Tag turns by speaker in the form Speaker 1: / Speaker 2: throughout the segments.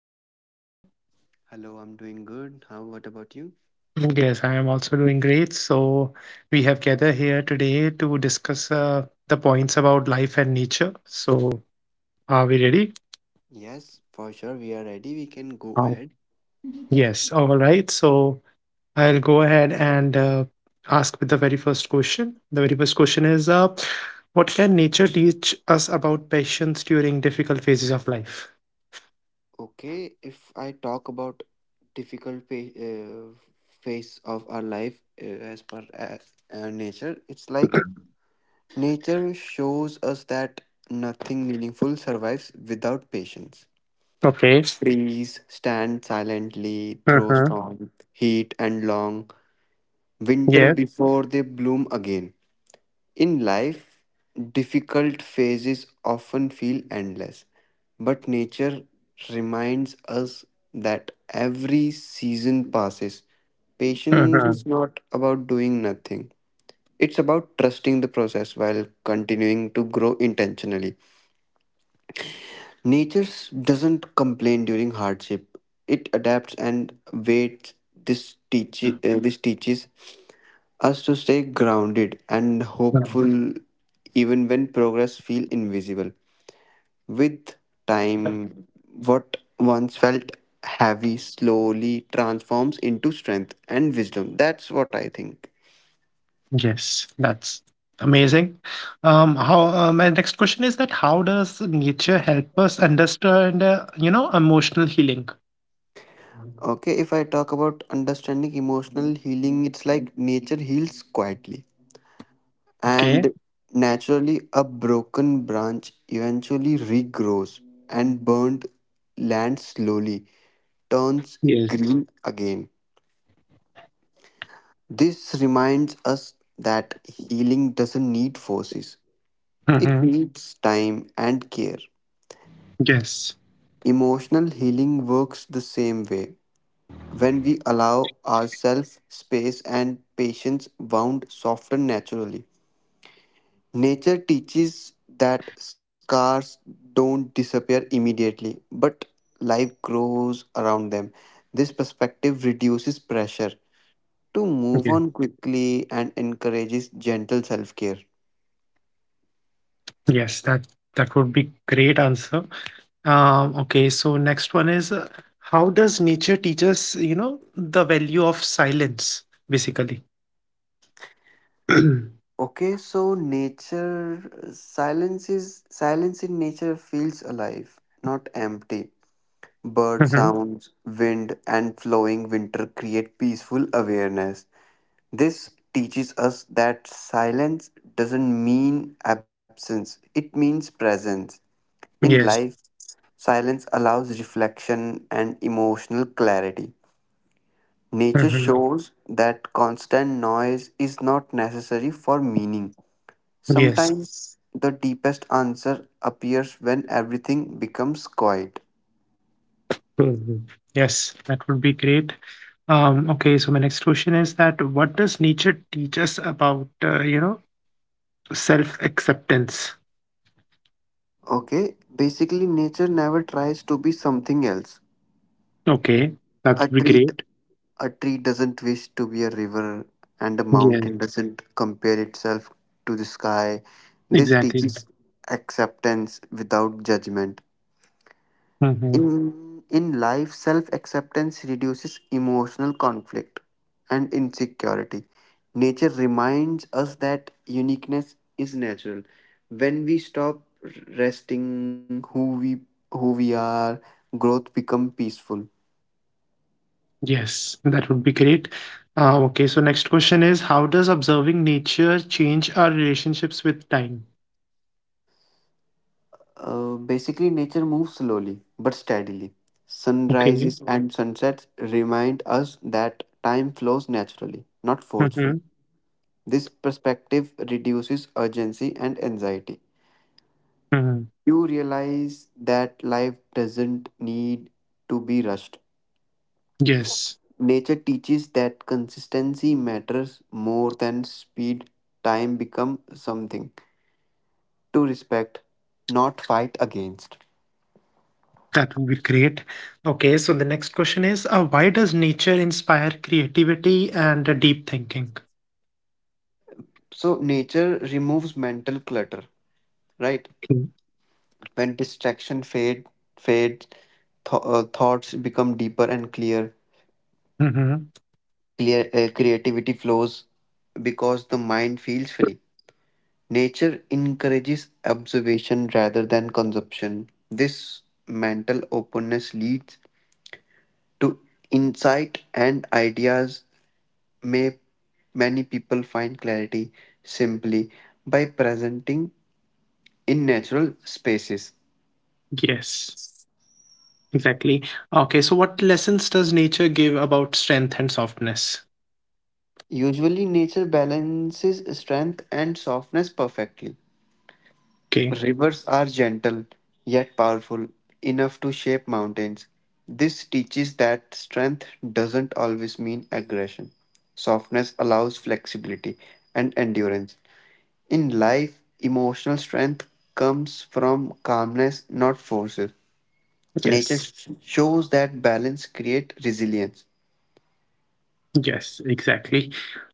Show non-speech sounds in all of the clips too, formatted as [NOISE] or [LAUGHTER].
Speaker 1: Hey, how are you?
Speaker 2: Hello, I'm doing good. How what about you?
Speaker 1: Mm, yes, I am also doing great. We have gathered here today to discuss the points about life and nature. So, are we ready?
Speaker 2: Yes, for sure we are ready. We can go
Speaker 1: Oh.
Speaker 2: ahead.
Speaker 1: Yes, all right. So, I'll go ahead and ask with the very first question. The very first question is what can nature teach us about patience during difficult phases of life?
Speaker 2: Okay, if I talk about difficult pa- uh, phase of our life as per nature, it's like nature shows us that nothing meaningful survives without patience.
Speaker 1: Okay.
Speaker 2: Trees stand silently through
Speaker 1: Uh-huh.
Speaker 2: storm, heat, and long winter
Speaker 1: Yes.
Speaker 2: before they bloom again. In life, difficult phases often feel endless, but nature reminds us that every season passes. Patience
Speaker 1: Uh-huh.
Speaker 2: is not about doing nothing, it's about trusting the process while continuing to grow intentionally. Doesn't complain during hardship, it adapts and waits. This teaches us to stay grounded and hopeful even when progress feels invisible. With time, what once felt heavy slowly transforms into strength and wisdom. That's what I think.
Speaker 1: Yes, that's amazing. How My next question is that how does nature help us understand, you know, emotional healing?
Speaker 2: Okay, if I talk about understanding emotional healing, it's like nature heals quietly.
Speaker 1: Okay.
Speaker 2: And naturally, a broken branch eventually regrows, and burnt land slowly turns
Speaker 1: Yes.
Speaker 2: green again. This reminds us that healing doesn't need forces, it
Speaker 1: Mm-hmm.
Speaker 2: needs time and care.
Speaker 1: Yes.
Speaker 2: Emotional healing works the same way. When we allow ourselves space and patience, wound soften naturally. Nature teaches that scars don't disappear immediately, but life grows around them. This perspective reduces pressure to move on
Speaker 1: Yes.
Speaker 2: quickly and encourages gentle self care.
Speaker 1: Yes, that would be great answer. Okay. So next one is how does nature teach us, you know, the value of silence, basically? [CLEARS THROAT]
Speaker 2: Okay, so nature silence is silence in nature feels alive, not empty. Bird
Speaker 1: Mm-hmm.
Speaker 2: sounds, wind, and flowing winter create peaceful awareness. This teaches us that silence doesn't mean absence, it means presence. In life,
Speaker 1: Yes.
Speaker 2: silence allows reflection and emotional clarity. Nature
Speaker 1: Mm-hmm.
Speaker 2: shows that constant noise is not necessary for meaning.
Speaker 1: Yes.
Speaker 2: Sometimes the deepest answer appears when everything becomes quiet.
Speaker 1: Mhm. Yes, that would be great. Okay, so my next question is that what does nature teach us about, you know, self-acceptance?
Speaker 2: Okay, basically, nature never tries to be something else.
Speaker 1: Okay, that would
Speaker 2: A
Speaker 1: be
Speaker 2: tree, d-
Speaker 1: great.
Speaker 2: a tree doesn't wish to be a river, and a mountain
Speaker 1: Yeah,
Speaker 2: doesn't compare itself to the sky. This
Speaker 1: exactly.
Speaker 2: teaches acceptance without judgment.
Speaker 1: Hmm.
Speaker 2: In life, self acceptance reduces emotional conflict and insecurity. Nature reminds us that uniqueness is natural. When we stop resting who we are, growth become peaceful.
Speaker 1: Yes, that would be great. Okay, so next question is how does observing nature change our relationships with time?
Speaker 2: Basically, nature moves slowly but steadily.
Speaker 1: Okay.
Speaker 2: Sunrises and sunsets remind us that time flows naturally, not
Speaker 1: Mm-hmm.
Speaker 2: forcefully. This perspective reduces urgency and anxiety.
Speaker 1: Hmm.
Speaker 2: You realize that life doesn't need to be rushed.
Speaker 1: Yes.
Speaker 2: Nature teaches that consistency matters more than speed. Time becomes something to respect, not fight against.
Speaker 1: That would be great. Okay, so the next question is why does nature inspire creativity and deep thinking?
Speaker 2: So nature removes mental clutter, right? When fades, thoughts become deeper and clear.
Speaker 1: Mm-hmm.
Speaker 2: Creativity flows because the mind feels free. Nature encourages observation rather than consumption. This mental openness leads to insight and ideas may Many people find clarity simply by presenting in natural spaces.
Speaker 1: Yes, exactly. Okay, so what lessons does nature give about strength and softness?
Speaker 2: Usually nature balances strength and softness perfectly.
Speaker 1: Okay,
Speaker 2: Rivers are gentle, yet powerful enough to shape mountains. This teaches that strength doesn't always mean aggression. Softness allows flexibility and endurance. In life, emotional strength comes from calmness, not forces.
Speaker 1: yes,
Speaker 2: Shows that balance creates resilience.
Speaker 1: yes, exactly.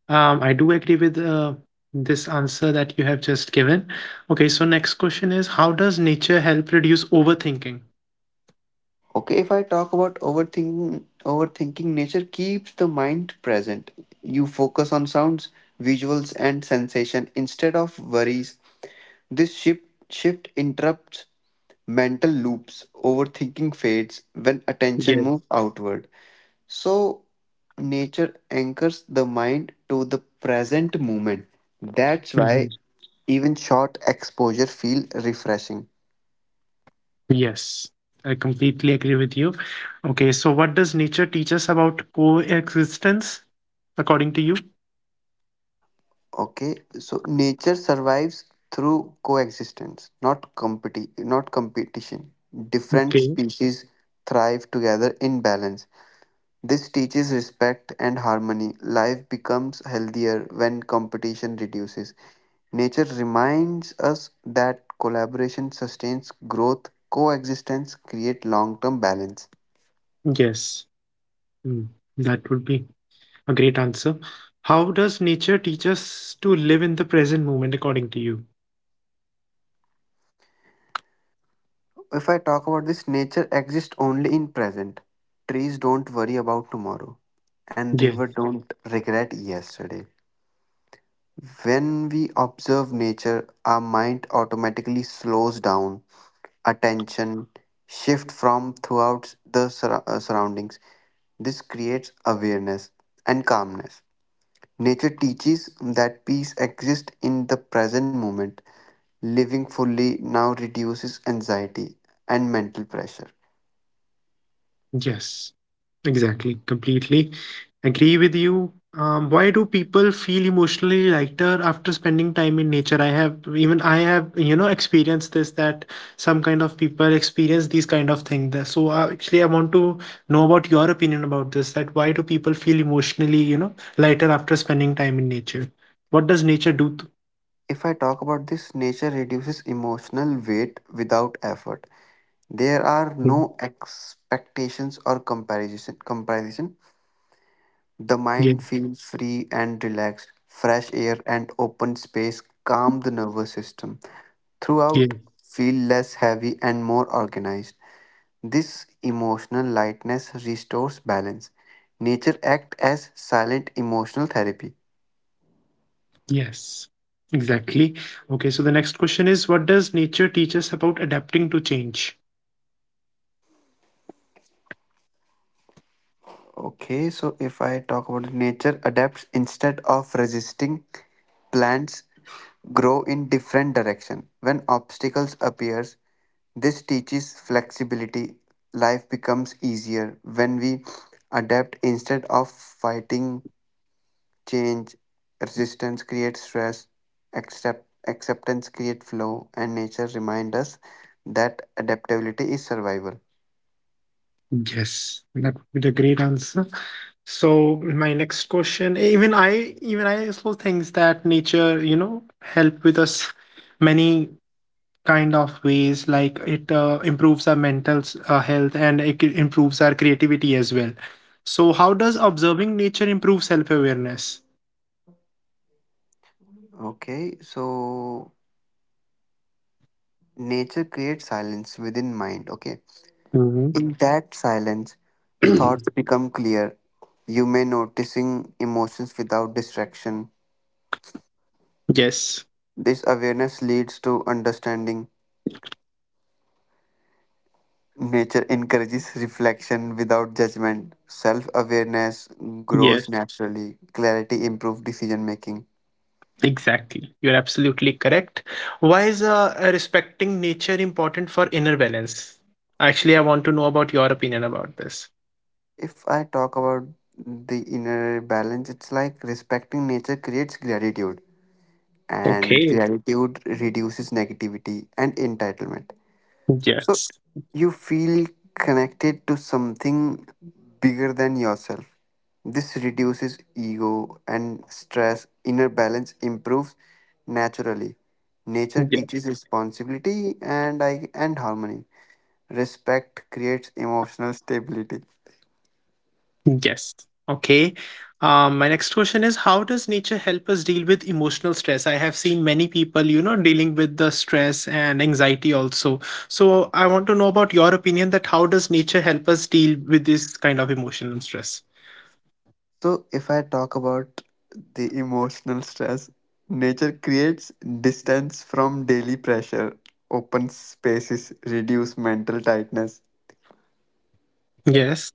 Speaker 1: I do agree with this answer that you have just given. Okay, so next question is how does nature help reduce overthinking?
Speaker 2: Okay, if I talk about overthinking nature keeps the mind present. You focus on sounds, visuals, and sensation instead of worries. This shift interrupts mental loops. Overthinking fades when attention
Speaker 1: Yes.
Speaker 2: moves outward. So, nature anchors the mind to the present moment. That's why even short exposure feel refreshing.
Speaker 1: Yes, I completely agree with you. Okay, so what does nature teach us about coexistence, according to you?
Speaker 2: Okay, so nature survives through coexistence, not competition. Different
Speaker 1: Okay,
Speaker 2: species thrive together in balance. This teaches respect and harmony. Life becomes healthier when competition reduces. Nature reminds us that collaboration sustains growth, coexistence creates long-term balance.
Speaker 1: yes, hmm, that would be a great answer. How does nature teach us to live in the present moment, according to you?
Speaker 2: If I talk about this, nature exists only in present. Trees don't worry about tomorrow, and river
Speaker 1: Yes,
Speaker 2: don't regret yesterday. When we observe nature, our mind automatically slows down, attention shift from throughout the surroundings. This creates awareness and calmness. Nature teaches that peace exists in the present moment. Living fully now reduces anxiety and mental pressure.
Speaker 1: yes. Exactly, completely agree with you. Why do people feel emotionally lighter after spending time in nature? I have you know experienced this that some kind of people experience these kind of things. So actually I want to know about your opinion about this. That why do people feel emotionally, you know, lighter after spending time in nature? What does nature do? To-
Speaker 2: If I talk about this, nature reduces emotional weight without effort. There are
Speaker 1: Mm,
Speaker 2: no expectations or comparison. Comparison. The
Speaker 1: yeah,
Speaker 2: mind feels free and relaxed. Fresh air and open space calm the nervous system.
Speaker 1: yeah,
Speaker 2: Throughout, feel less heavy and more organized. This emotional lightness restores balance. Nature acts as silent emotional therapy.
Speaker 1: yes, exactly. Okay, so the next question is, what does nature teach us about adapting to change?
Speaker 2: Okay, so if I talk about nature adapts instead of resisting, plants grow in different direction. When obstacles appears, this teaches flexibility. Life becomes easier when we adapt instead of fighting change. Resistance creates stress, acceptance creates flow, and nature remind us that adaptability is survival.
Speaker 1: Yes, that would be the great answer. So my next question, even I also thinks that nature, you know, help with us many kind of ways. Like it improves our mental health, and it improves our creativity as well. So how does observing nature improve self awareness?
Speaker 2: Okay, so nature creates silence within mind. Okay.
Speaker 1: Hmm.
Speaker 2: In that silence, thoughts
Speaker 1: [CLEARS THROAT]
Speaker 2: become clear. You may noticing emotions without distraction.
Speaker 1: Yes.
Speaker 2: This awareness leads to understanding. Nature encourages reflection without judgment. Self-awareness grows
Speaker 1: Yes.
Speaker 2: naturally. Clarity improves decision making.
Speaker 1: Exactly. You're absolutely correct. Why is respecting nature important for inner balance? Actually, I want to know about your opinion about this.
Speaker 2: If I talk about the inner balance, it's like respecting nature creates gratitude, and
Speaker 1: Okay.
Speaker 2: gratitude reduces negativity and entitlement. So
Speaker 1: Yes.
Speaker 2: you feel connected to something bigger than yourself. This reduces ego and stress. Inner balance improves naturally. Nature
Speaker 1: Yes.
Speaker 2: teaches responsibility and I and harmony. Respect creates emotional stability.
Speaker 1: Yes. Okay. My next question is, how does nature help us deal with emotional stress? I have seen many people, you know, dealing with the stress and anxiety also. So I want to know about your opinion that how does nature help us deal with this kind of emotional stress?
Speaker 2: So if I talk about the emotional stress, nature creates distance from daily pressure. Open spaces reduce mental tightness.
Speaker 1: Yes.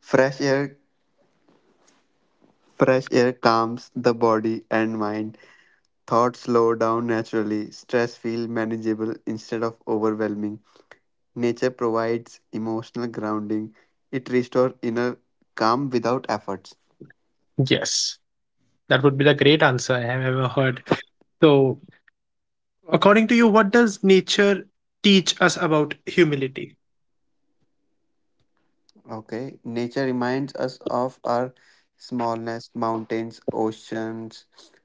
Speaker 2: Fresh air Fresh air calms the body and mind. Thoughts slow down naturally. Stress feels manageable instead of overwhelming. Nature provides emotional grounding. It restores inner calm without efforts.
Speaker 1: Yes. That would be the great answer I have ever heard. So, according to you, what does nature teach us about humility?
Speaker 2: Okay, nature reminds us of our smallness. Mountains, oceans,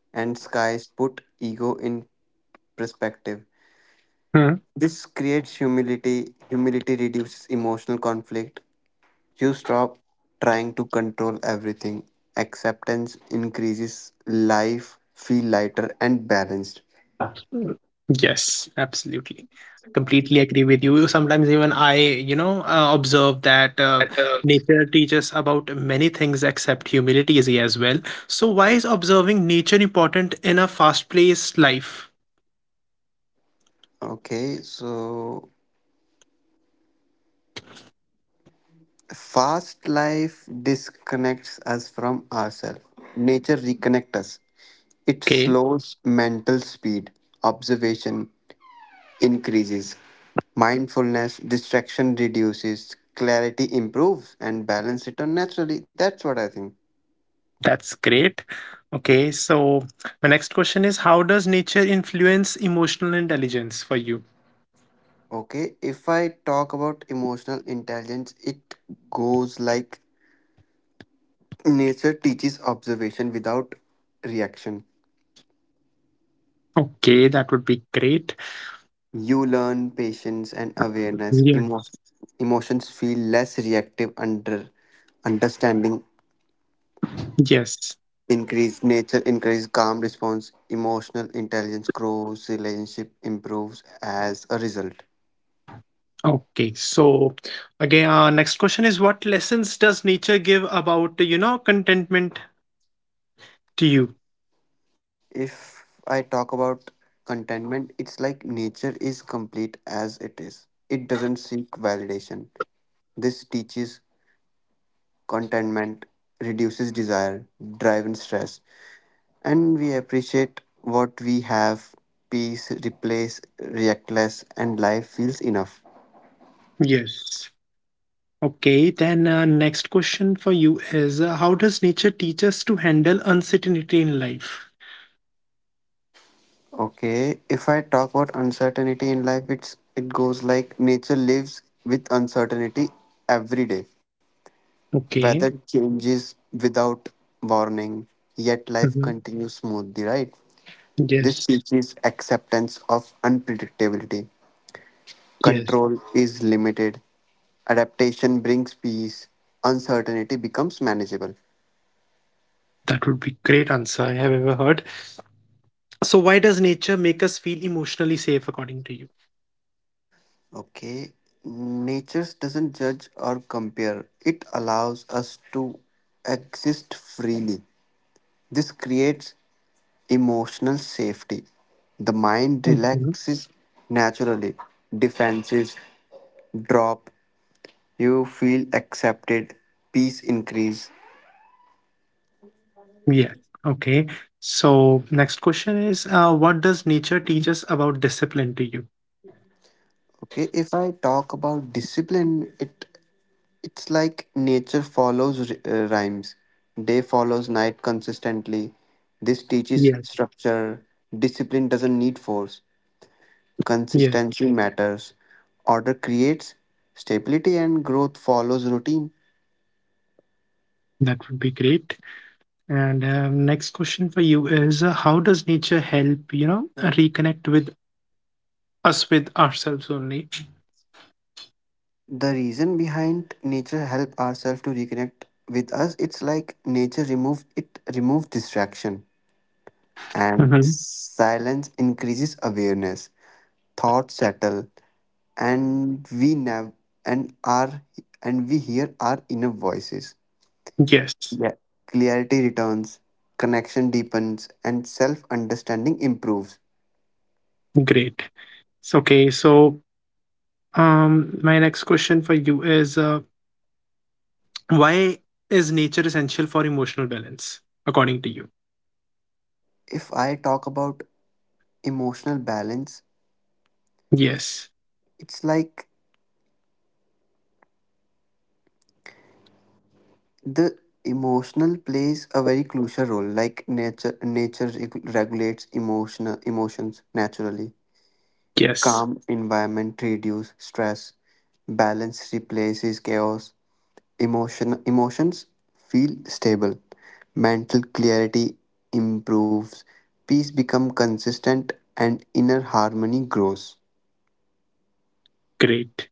Speaker 2: and skies put ego in perspective.
Speaker 1: Hmm.
Speaker 2: This creates humility. Humility reduces emotional conflict. You stop trying to control everything. Acceptance increases life, feel lighter and balanced.
Speaker 1: Yes, absolutely. I completely agree with you. Sometimes even I, you know, observe that nature teaches about many things except humility is as well. So why is observing nature important in a fast-paced life?
Speaker 2: Okay, so fast life disconnects us from ourselves. Nature reconnects us. It
Speaker 1: Okay,
Speaker 2: slows mental speed. Observation increases. Mindfulness, distraction reduces, clarity improves, and balance returns naturally. That's what I think.
Speaker 1: that's great. Okay, so my next question is how does nature influence emotional intelligence for you?
Speaker 2: Okay, if I talk about emotional intelligence, it goes like nature teaches observation without reaction.
Speaker 1: Okay, that would be great.
Speaker 2: You learn patience and awareness.
Speaker 1: Yes.
Speaker 2: Emotions feel less reactive under understanding
Speaker 1: Yes.
Speaker 2: increase nature increase calm response emotional intelligence grows relationship improves as a result.
Speaker 1: Okay. So again, next question is what lessons does nature give about, you know, contentment to you?
Speaker 2: If I talk about contentment, it's like nature is complete as it is. It doesn't seek validation. This teaches contentment, reduces desire, drive, and stress. And we appreciate what we have. Peace, replace, reactless, and life feels enough.
Speaker 1: Yes. Okay, then next question for you is how does nature teach us to handle uncertainty in life?
Speaker 2: Okay, if I talk about uncertainty in life, it goes like nature lives with uncertainty every day. Weather
Speaker 1: Okay.
Speaker 2: changes without warning, yet life
Speaker 1: Hmm.
Speaker 2: continues smoothly, right? This
Speaker 1: Yes.
Speaker 2: teaches acceptance of unpredictability.
Speaker 1: Yes.
Speaker 2: Control is limited. Adaptation brings peace. Uncertainty becomes manageable.
Speaker 1: That would be great answer I have ever heard. So why does nature make us feel emotionally safe according to
Speaker 2: Okay, nature doesn't judge or compare, it allows us to exist freely. This creates emotional safety. The mind
Speaker 1: you?
Speaker 2: relaxes naturally. Defenses drop. You feel accepted. Peace increase.
Speaker 1: Yes. Okay. So next question is, what does nature teach us about discipline to you?
Speaker 2: Okay, if I talk about discipline, it's like nature follows rhymes. Day follows night consistently. This teaches
Speaker 1: Yes.
Speaker 2: structure. Discipline doesn't need force.
Speaker 1: Yes.
Speaker 2: Consistency matters. Order creates stability and growth follows routine.
Speaker 1: That would be great. And next question for you is, how does nature help, you know, reconnect with us with ourselves only?
Speaker 2: The reason behind nature help ourselves to reconnect with us. It's like nature remove it removes distraction and
Speaker 1: Hmm.
Speaker 2: silence increases awareness. Thoughts settle, and we nav and our and we hear our inner voices.
Speaker 1: Yes.
Speaker 2: Yeah. Clarity returns, connection deepens, and self understanding improves.
Speaker 1: Great. So, okay. So my next question for you is, why is nature essential for emotional balance, according to you?
Speaker 2: If I talk about emotional balance,
Speaker 1: Yes.
Speaker 2: it's like the emotional plays a very crucial role. Like nature regulates emotional emotions naturally.
Speaker 1: Yes.
Speaker 2: Calm environment reduce stress. Balance replaces chaos. Emotions feel stable. Mental clarity improves. Peace become consistent and inner harmony grows.
Speaker 1: Great.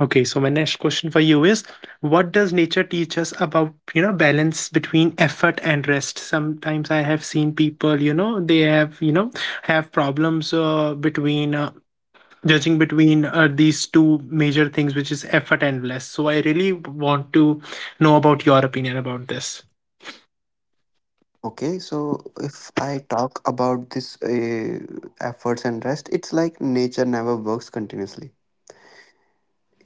Speaker 1: Okay, so my next question for you is what does nature teach us about, you know, balance between effort and rest? Sometimes I have seen people, you know, they have, you know, have problems between judging between these two major things, which is effort and rest. So I really want to know about your opinion about this.
Speaker 2: Okay, so if I talk about this efforts and rest, it's like nature never works continuously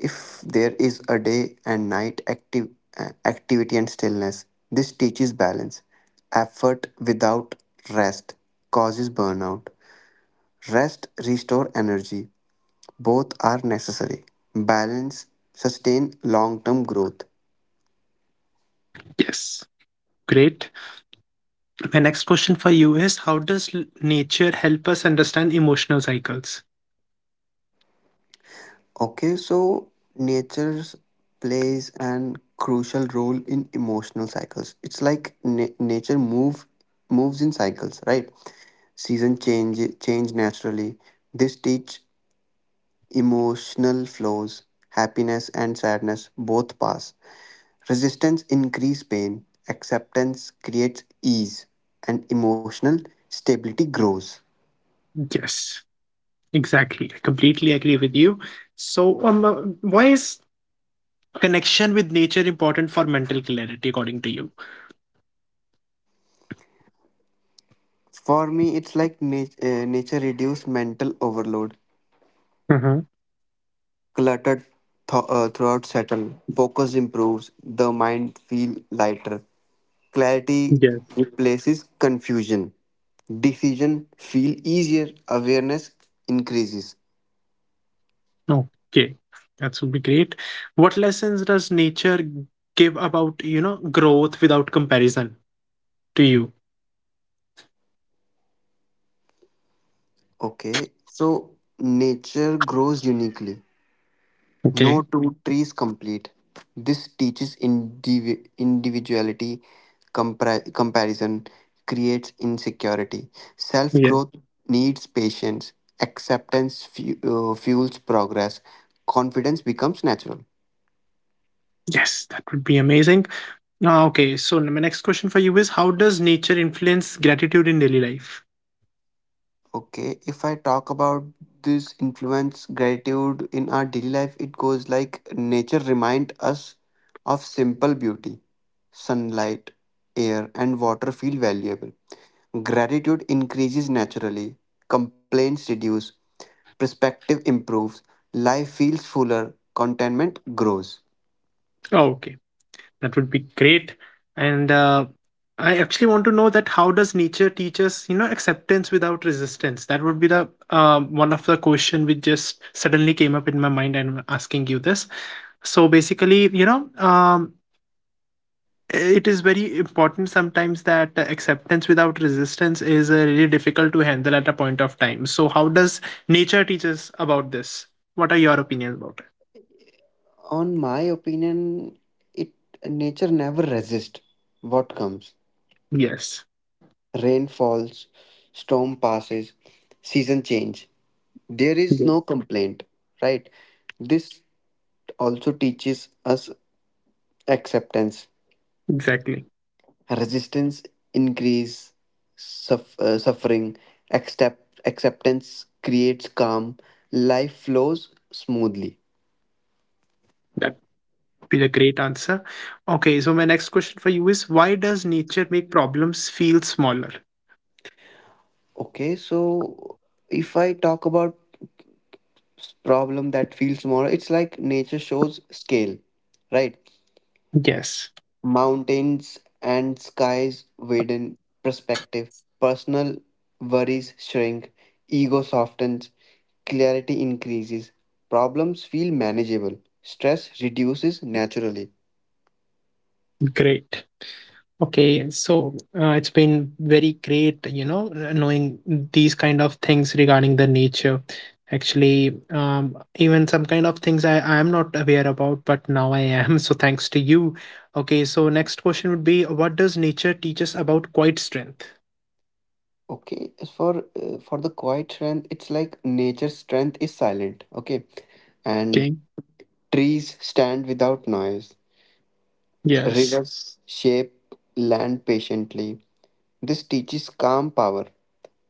Speaker 2: if there is a day and night active activity and stillness. This teaches balance. Effort without rest causes burnout. Rest restore energy. Both are necessary. Balance sustain long term growth.
Speaker 1: Yes. Great. My next question for you is how does nature help us understand emotional cycles?
Speaker 2: Okay, so nature's plays an crucial role in emotional cycles. It's like na- nature move moves in cycles, right? Season change naturally. This teach emotional flows, happiness and sadness both pass. Resistance increases pain, acceptance creates ease, and emotional stability grows.
Speaker 1: Yes. Exactly. I completely agree with you. So, why is connection with nature important for mental clarity, according to you?
Speaker 2: For me, it's like nature reduces mental overload.
Speaker 1: Hmm.
Speaker 2: Cluttered throughout settle, focus improves, the mind feel lighter. Clarity
Speaker 1: Yes.
Speaker 2: replaces confusion. Decision feel easier, awareness increases.
Speaker 1: Okay, that would be great. What lessons does nature give about, you know, growth without comparison to you?
Speaker 2: Okay, so nature grows uniquely. No
Speaker 1: Okay.
Speaker 2: two trees complete. This teaches individuality, comparison creates insecurity. Self
Speaker 1: Yeah.
Speaker 2: growth needs patience, acceptance fuels progress, confidence becomes natural.
Speaker 1: Yes, that would be amazing. Okay, so my next question for you is how does nature influence gratitude in daily life?
Speaker 2: Okay, if I talk about this influence gratitude in our daily life, it goes like nature remind us of simple beauty. Sunlight, air, and water feel valuable. Gratitude increases naturally. Complaints reduce. Perspective improves. Life feels fuller. Contentment grows.
Speaker 1: Okay. That would be great. And I actually want to know that how does nature teach us, you know, acceptance without resistance? That would be the one of the question which just suddenly came up in my mind, and I'm asking you this. So basically, you know, it is very important sometimes that acceptance without resistance is really difficult to handle at a point of time. So how does nature teach us about this? What are your opinions about it?
Speaker 2: On my opinion, it nature never resists what comes.
Speaker 1: Yes.
Speaker 2: Rain falls, storm passes, season change. There is
Speaker 1: Yes.
Speaker 2: no complaint, right? This also teaches us acceptance,
Speaker 1: Exactly.
Speaker 2: resistance, increase, suffering, acceptance creates calm, life flows smoothly.
Speaker 1: Be a great answer. Okay, so my next question for you is why does nature make problems feel smaller?
Speaker 2: Okay, so if I talk about problem that feels smaller, it's like nature shows scale, right?
Speaker 1: Yes,
Speaker 2: Mountains and skies widen perspective. Personal worries shrink. Ego softens. Clarity increases. Problems feel manageable. Stress reduces naturally.
Speaker 1: great. Okay, so it's been very great, you know, knowing these kind of things regarding the nature. Actually, even some kind of things I am not aware about, but now I am. [LAUGHS] So thanks to you. Okay, so next question would be what does nature teach us about quiet strength?
Speaker 2: Okay, as for the quiet strength, it's like nature's strength is silent. Okay, and
Speaker 1: Okay,
Speaker 2: trees stand without noise.
Speaker 1: yes.
Speaker 2: Rivers shape land patiently. This teaches calm power.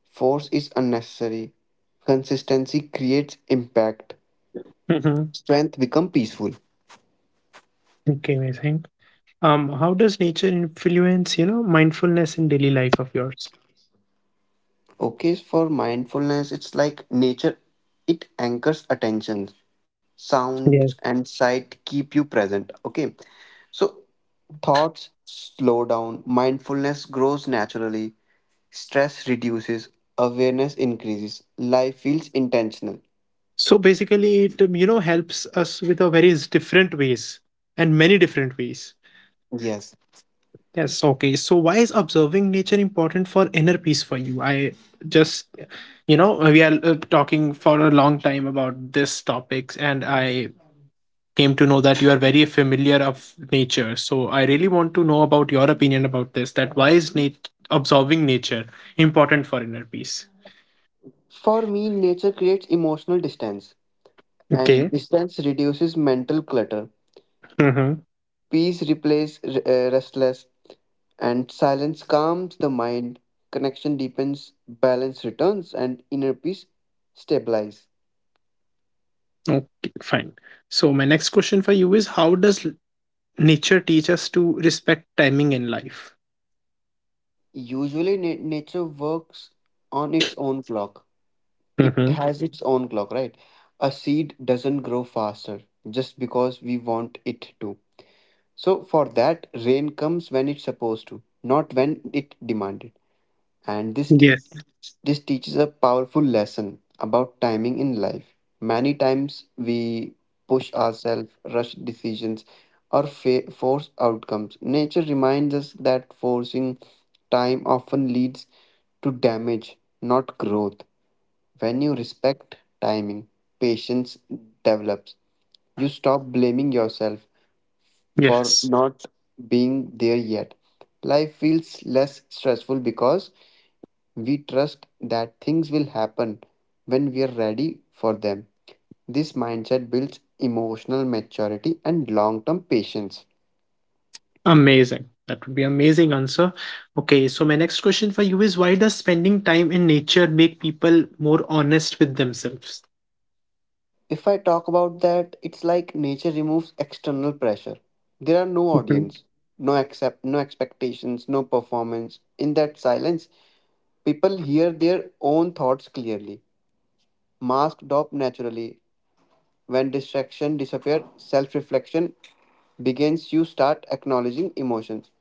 Speaker 2: Force is unnecessary. Consistency creates impact.
Speaker 1: Hmm.
Speaker 2: Strength become peaceful.
Speaker 1: Okay, amazing. Um, how does nature influence, you know, mindfulness in daily life of yours?
Speaker 2: Okay, for mindfulness, it's like nature. It anchors attention. Sounds
Speaker 1: Yes.
Speaker 2: and sight keep you present. Okay, so thoughts slow down. Mindfulness grows naturally. Stress reduces. Awareness increases. Life feels intentional.
Speaker 1: So basically it, you know, helps us with a various different ways and many different ways.
Speaker 2: Yes.
Speaker 1: Yes, okay, so why is observing nature important for inner peace for you? I just, you know, we are talking for a long time about this topics, and I came to know that you are very familiar of nature. So I really want to know about your opinion about this, that why is observing nature important for inner peace.
Speaker 2: For me, nature creates emotional distance, and
Speaker 1: Okay.
Speaker 2: distance reduces mental clutter.
Speaker 1: Mm-hmm.
Speaker 2: Peace replaces restless, and silence calms the mind. Connection deepens, balance returns, and inner peace stabilizes.
Speaker 1: Okay, fine. So my next question for you is how does nature teach us to respect timing in life?
Speaker 2: Usually, nature works on its own clock. It
Speaker 1: Mm-hmm.
Speaker 2: has its own clock, right? A seed doesn't grow faster just because we want it to. So, for that, rain comes when it's supposed to, not when it demanded. and this te-
Speaker 1: Yes.
Speaker 2: this teaches a powerful lesson about timing in life. Many times we push ourselves, rush decisions, or force outcomes. Nature reminds us that forcing time often leads to damage, not growth. When you respect timing, patience develops. You stop blaming yourself for
Speaker 1: Yes.
Speaker 2: not being there yet. Life feels less stressful because we trust that things will happen when we are ready for them. This mindset builds emotional maturity and long term patience.
Speaker 1: Amazing. That would be amazing answer. Okay, so my next question for you is why does spending time in nature make people more honest with themselves?
Speaker 2: If I talk about that, it's like nature removes external pressure. There are no
Speaker 1: Mhm.
Speaker 2: audience, no accept, no expectations, no performance. In that silence, people hear their own thoughts clearly, masked up naturally. When distraction disappears, self reflection begins. You start acknowledging emotions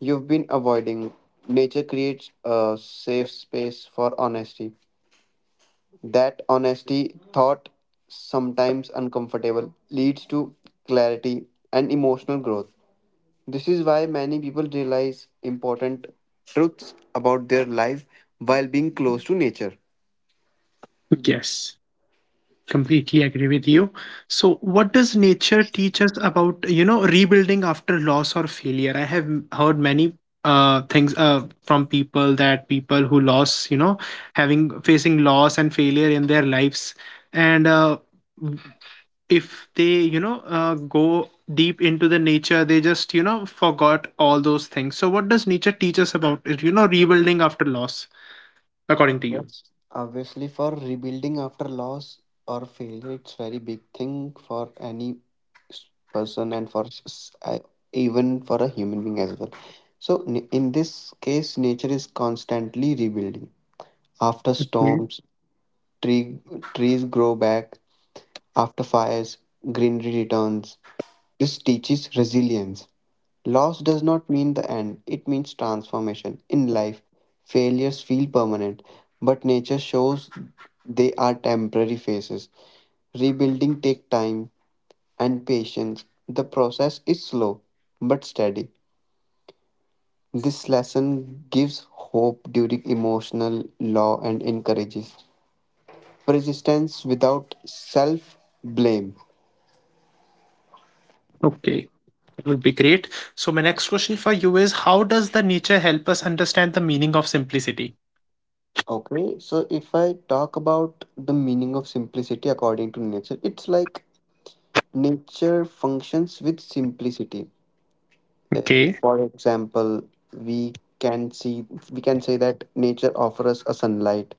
Speaker 2: you've been avoiding. Nature creates a safe space for honesty. That honesty, thought sometimes uncomfortable, leads to clarity and emotional growth. This is why many people realize important truths about their life while being close to nature.
Speaker 1: Yes. Completely agree with you. So, what does nature teach us about, you know, rebuilding after loss or failure? I have heard many things from people that people who lost, you know, having facing loss and failure in their lives, and w- if they, you know, go deep into the nature, they just, you know, forgot all those things. So, what does nature teach us about it? You know, rebuilding after loss, according to you.
Speaker 2: Yes, obviously, for rebuilding after loss or failure, it's very big thing for any s- person, and for even for a human being as well. So, in this case, nature is constantly rebuilding. After
Speaker 1: Okay.
Speaker 2: storms, tree, trees grow back; after fires, greenery returns. This teaches resilience. Loss does not mean the end, it means transformation. In life, failures feel permanent, but nature shows they are temporary phases. Rebuilding takes time and patience. The process is slow but steady. This lesson gives hope during emotional low and encourages persistence without self blame.
Speaker 1: Okay. It would be great. So, my next question for you is, how does the nature help us understand the meaning of simplicity?
Speaker 2: Okay, so if I talk about the meaning of simplicity according to nature, it's like nature functions with simplicity. Uh,
Speaker 1: Okay.
Speaker 2: for example, we can see we can say that nature offers us a sunlight.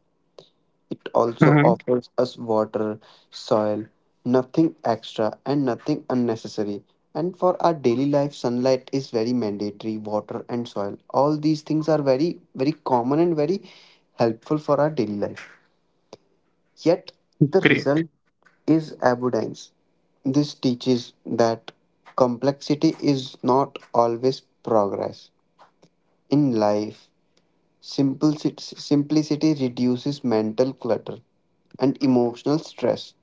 Speaker 2: It also
Speaker 1: Mhm.
Speaker 2: offers us water, soil, nothing extra and nothing unnecessary. And for our daily life, sunlight is very mandatory, water and soil. All these things are very, very common and very helpful for our daily life. Yet the
Speaker 1: Great.
Speaker 2: result is abundance. This teaches that complexity is not always progress. In life, simplicity reduces mental clutter and emotional stress.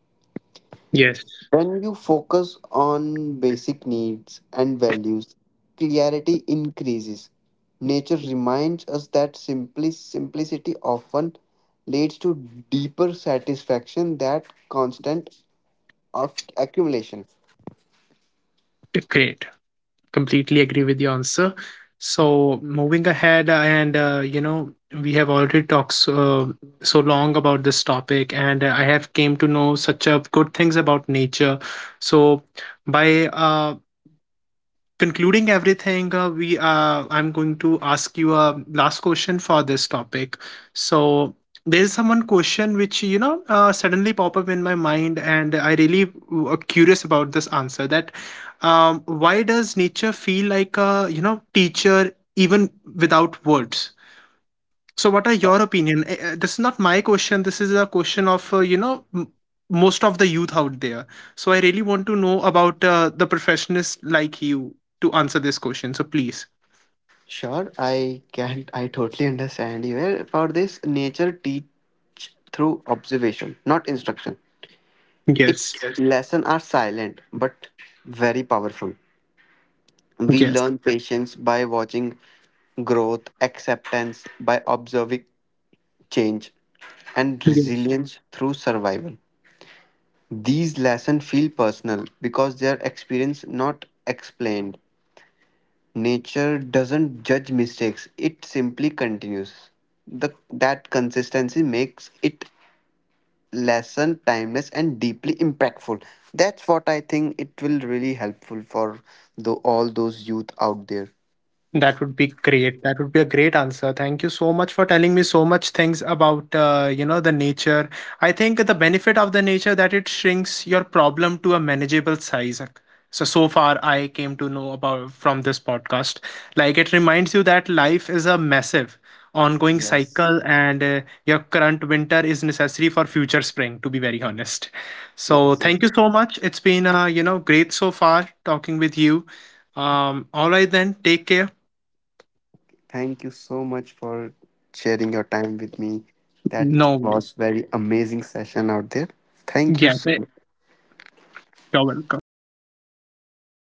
Speaker 1: Yes.
Speaker 2: When you focus on basic needs and values, clarity increases. Nature reminds us that simplicity often leads to deeper satisfaction than constant of accumulation.
Speaker 1: Great. Completely agree with your answer. So, moving ahead, and you know, we have already talked so, so long about this topic, and I have came to know such a good things about nature. So, by concluding everything, we I'm going to ask you a last question for this topic. So there's someone question which, you know, suddenly pop up in my mind, and I really curious about this answer. That why does nature feel like a, you know, teacher even without words? So, what are your opinion? This is not my question. This is a question of, you know, most of the youth out there. So, I really want to know about the professionals like you to answer this question. So, please.
Speaker 2: Sure, I can. I totally understand you. Well, for this, nature teach through observation, not instruction.
Speaker 1: Yes.
Speaker 2: Its Yes. lesson are silent but very powerful. We
Speaker 1: Yes.
Speaker 2: learn patience by watching growth, acceptance by observing change, and
Speaker 1: Yes.
Speaker 2: resilience through survival. These lessons feel personal because they are experienced, not explained. Nature doesn't judge mistakes, it simply continues. That consistency makes it lesson timeless and deeply impactful. That's what I think it will really helpful for all those youth out there.
Speaker 1: That would be great. That would be a great answer. Thank you so much for telling me so much things about, you know, the nature. I think the benefit of the nature that it shrinks your problem to a manageable size. So so far I came to know about from this podcast. Like it reminds you that life is a massive ongoing
Speaker 2: Yes,
Speaker 1: cycle, and your current winter is necessary for future spring, to be very honest. So
Speaker 2: yes, yes,
Speaker 1: thank you
Speaker 2: yes.
Speaker 1: so much. It's been, you know, great so far talking with you. Um, all right then. Take care.
Speaker 2: Thank you so much for sharing your time with me. That
Speaker 1: No,
Speaker 2: was
Speaker 1: güey,
Speaker 2: very amazing session out there. Thank you
Speaker 1: ya
Speaker 2: so
Speaker 1: sé,
Speaker 2: much.
Speaker 1: cover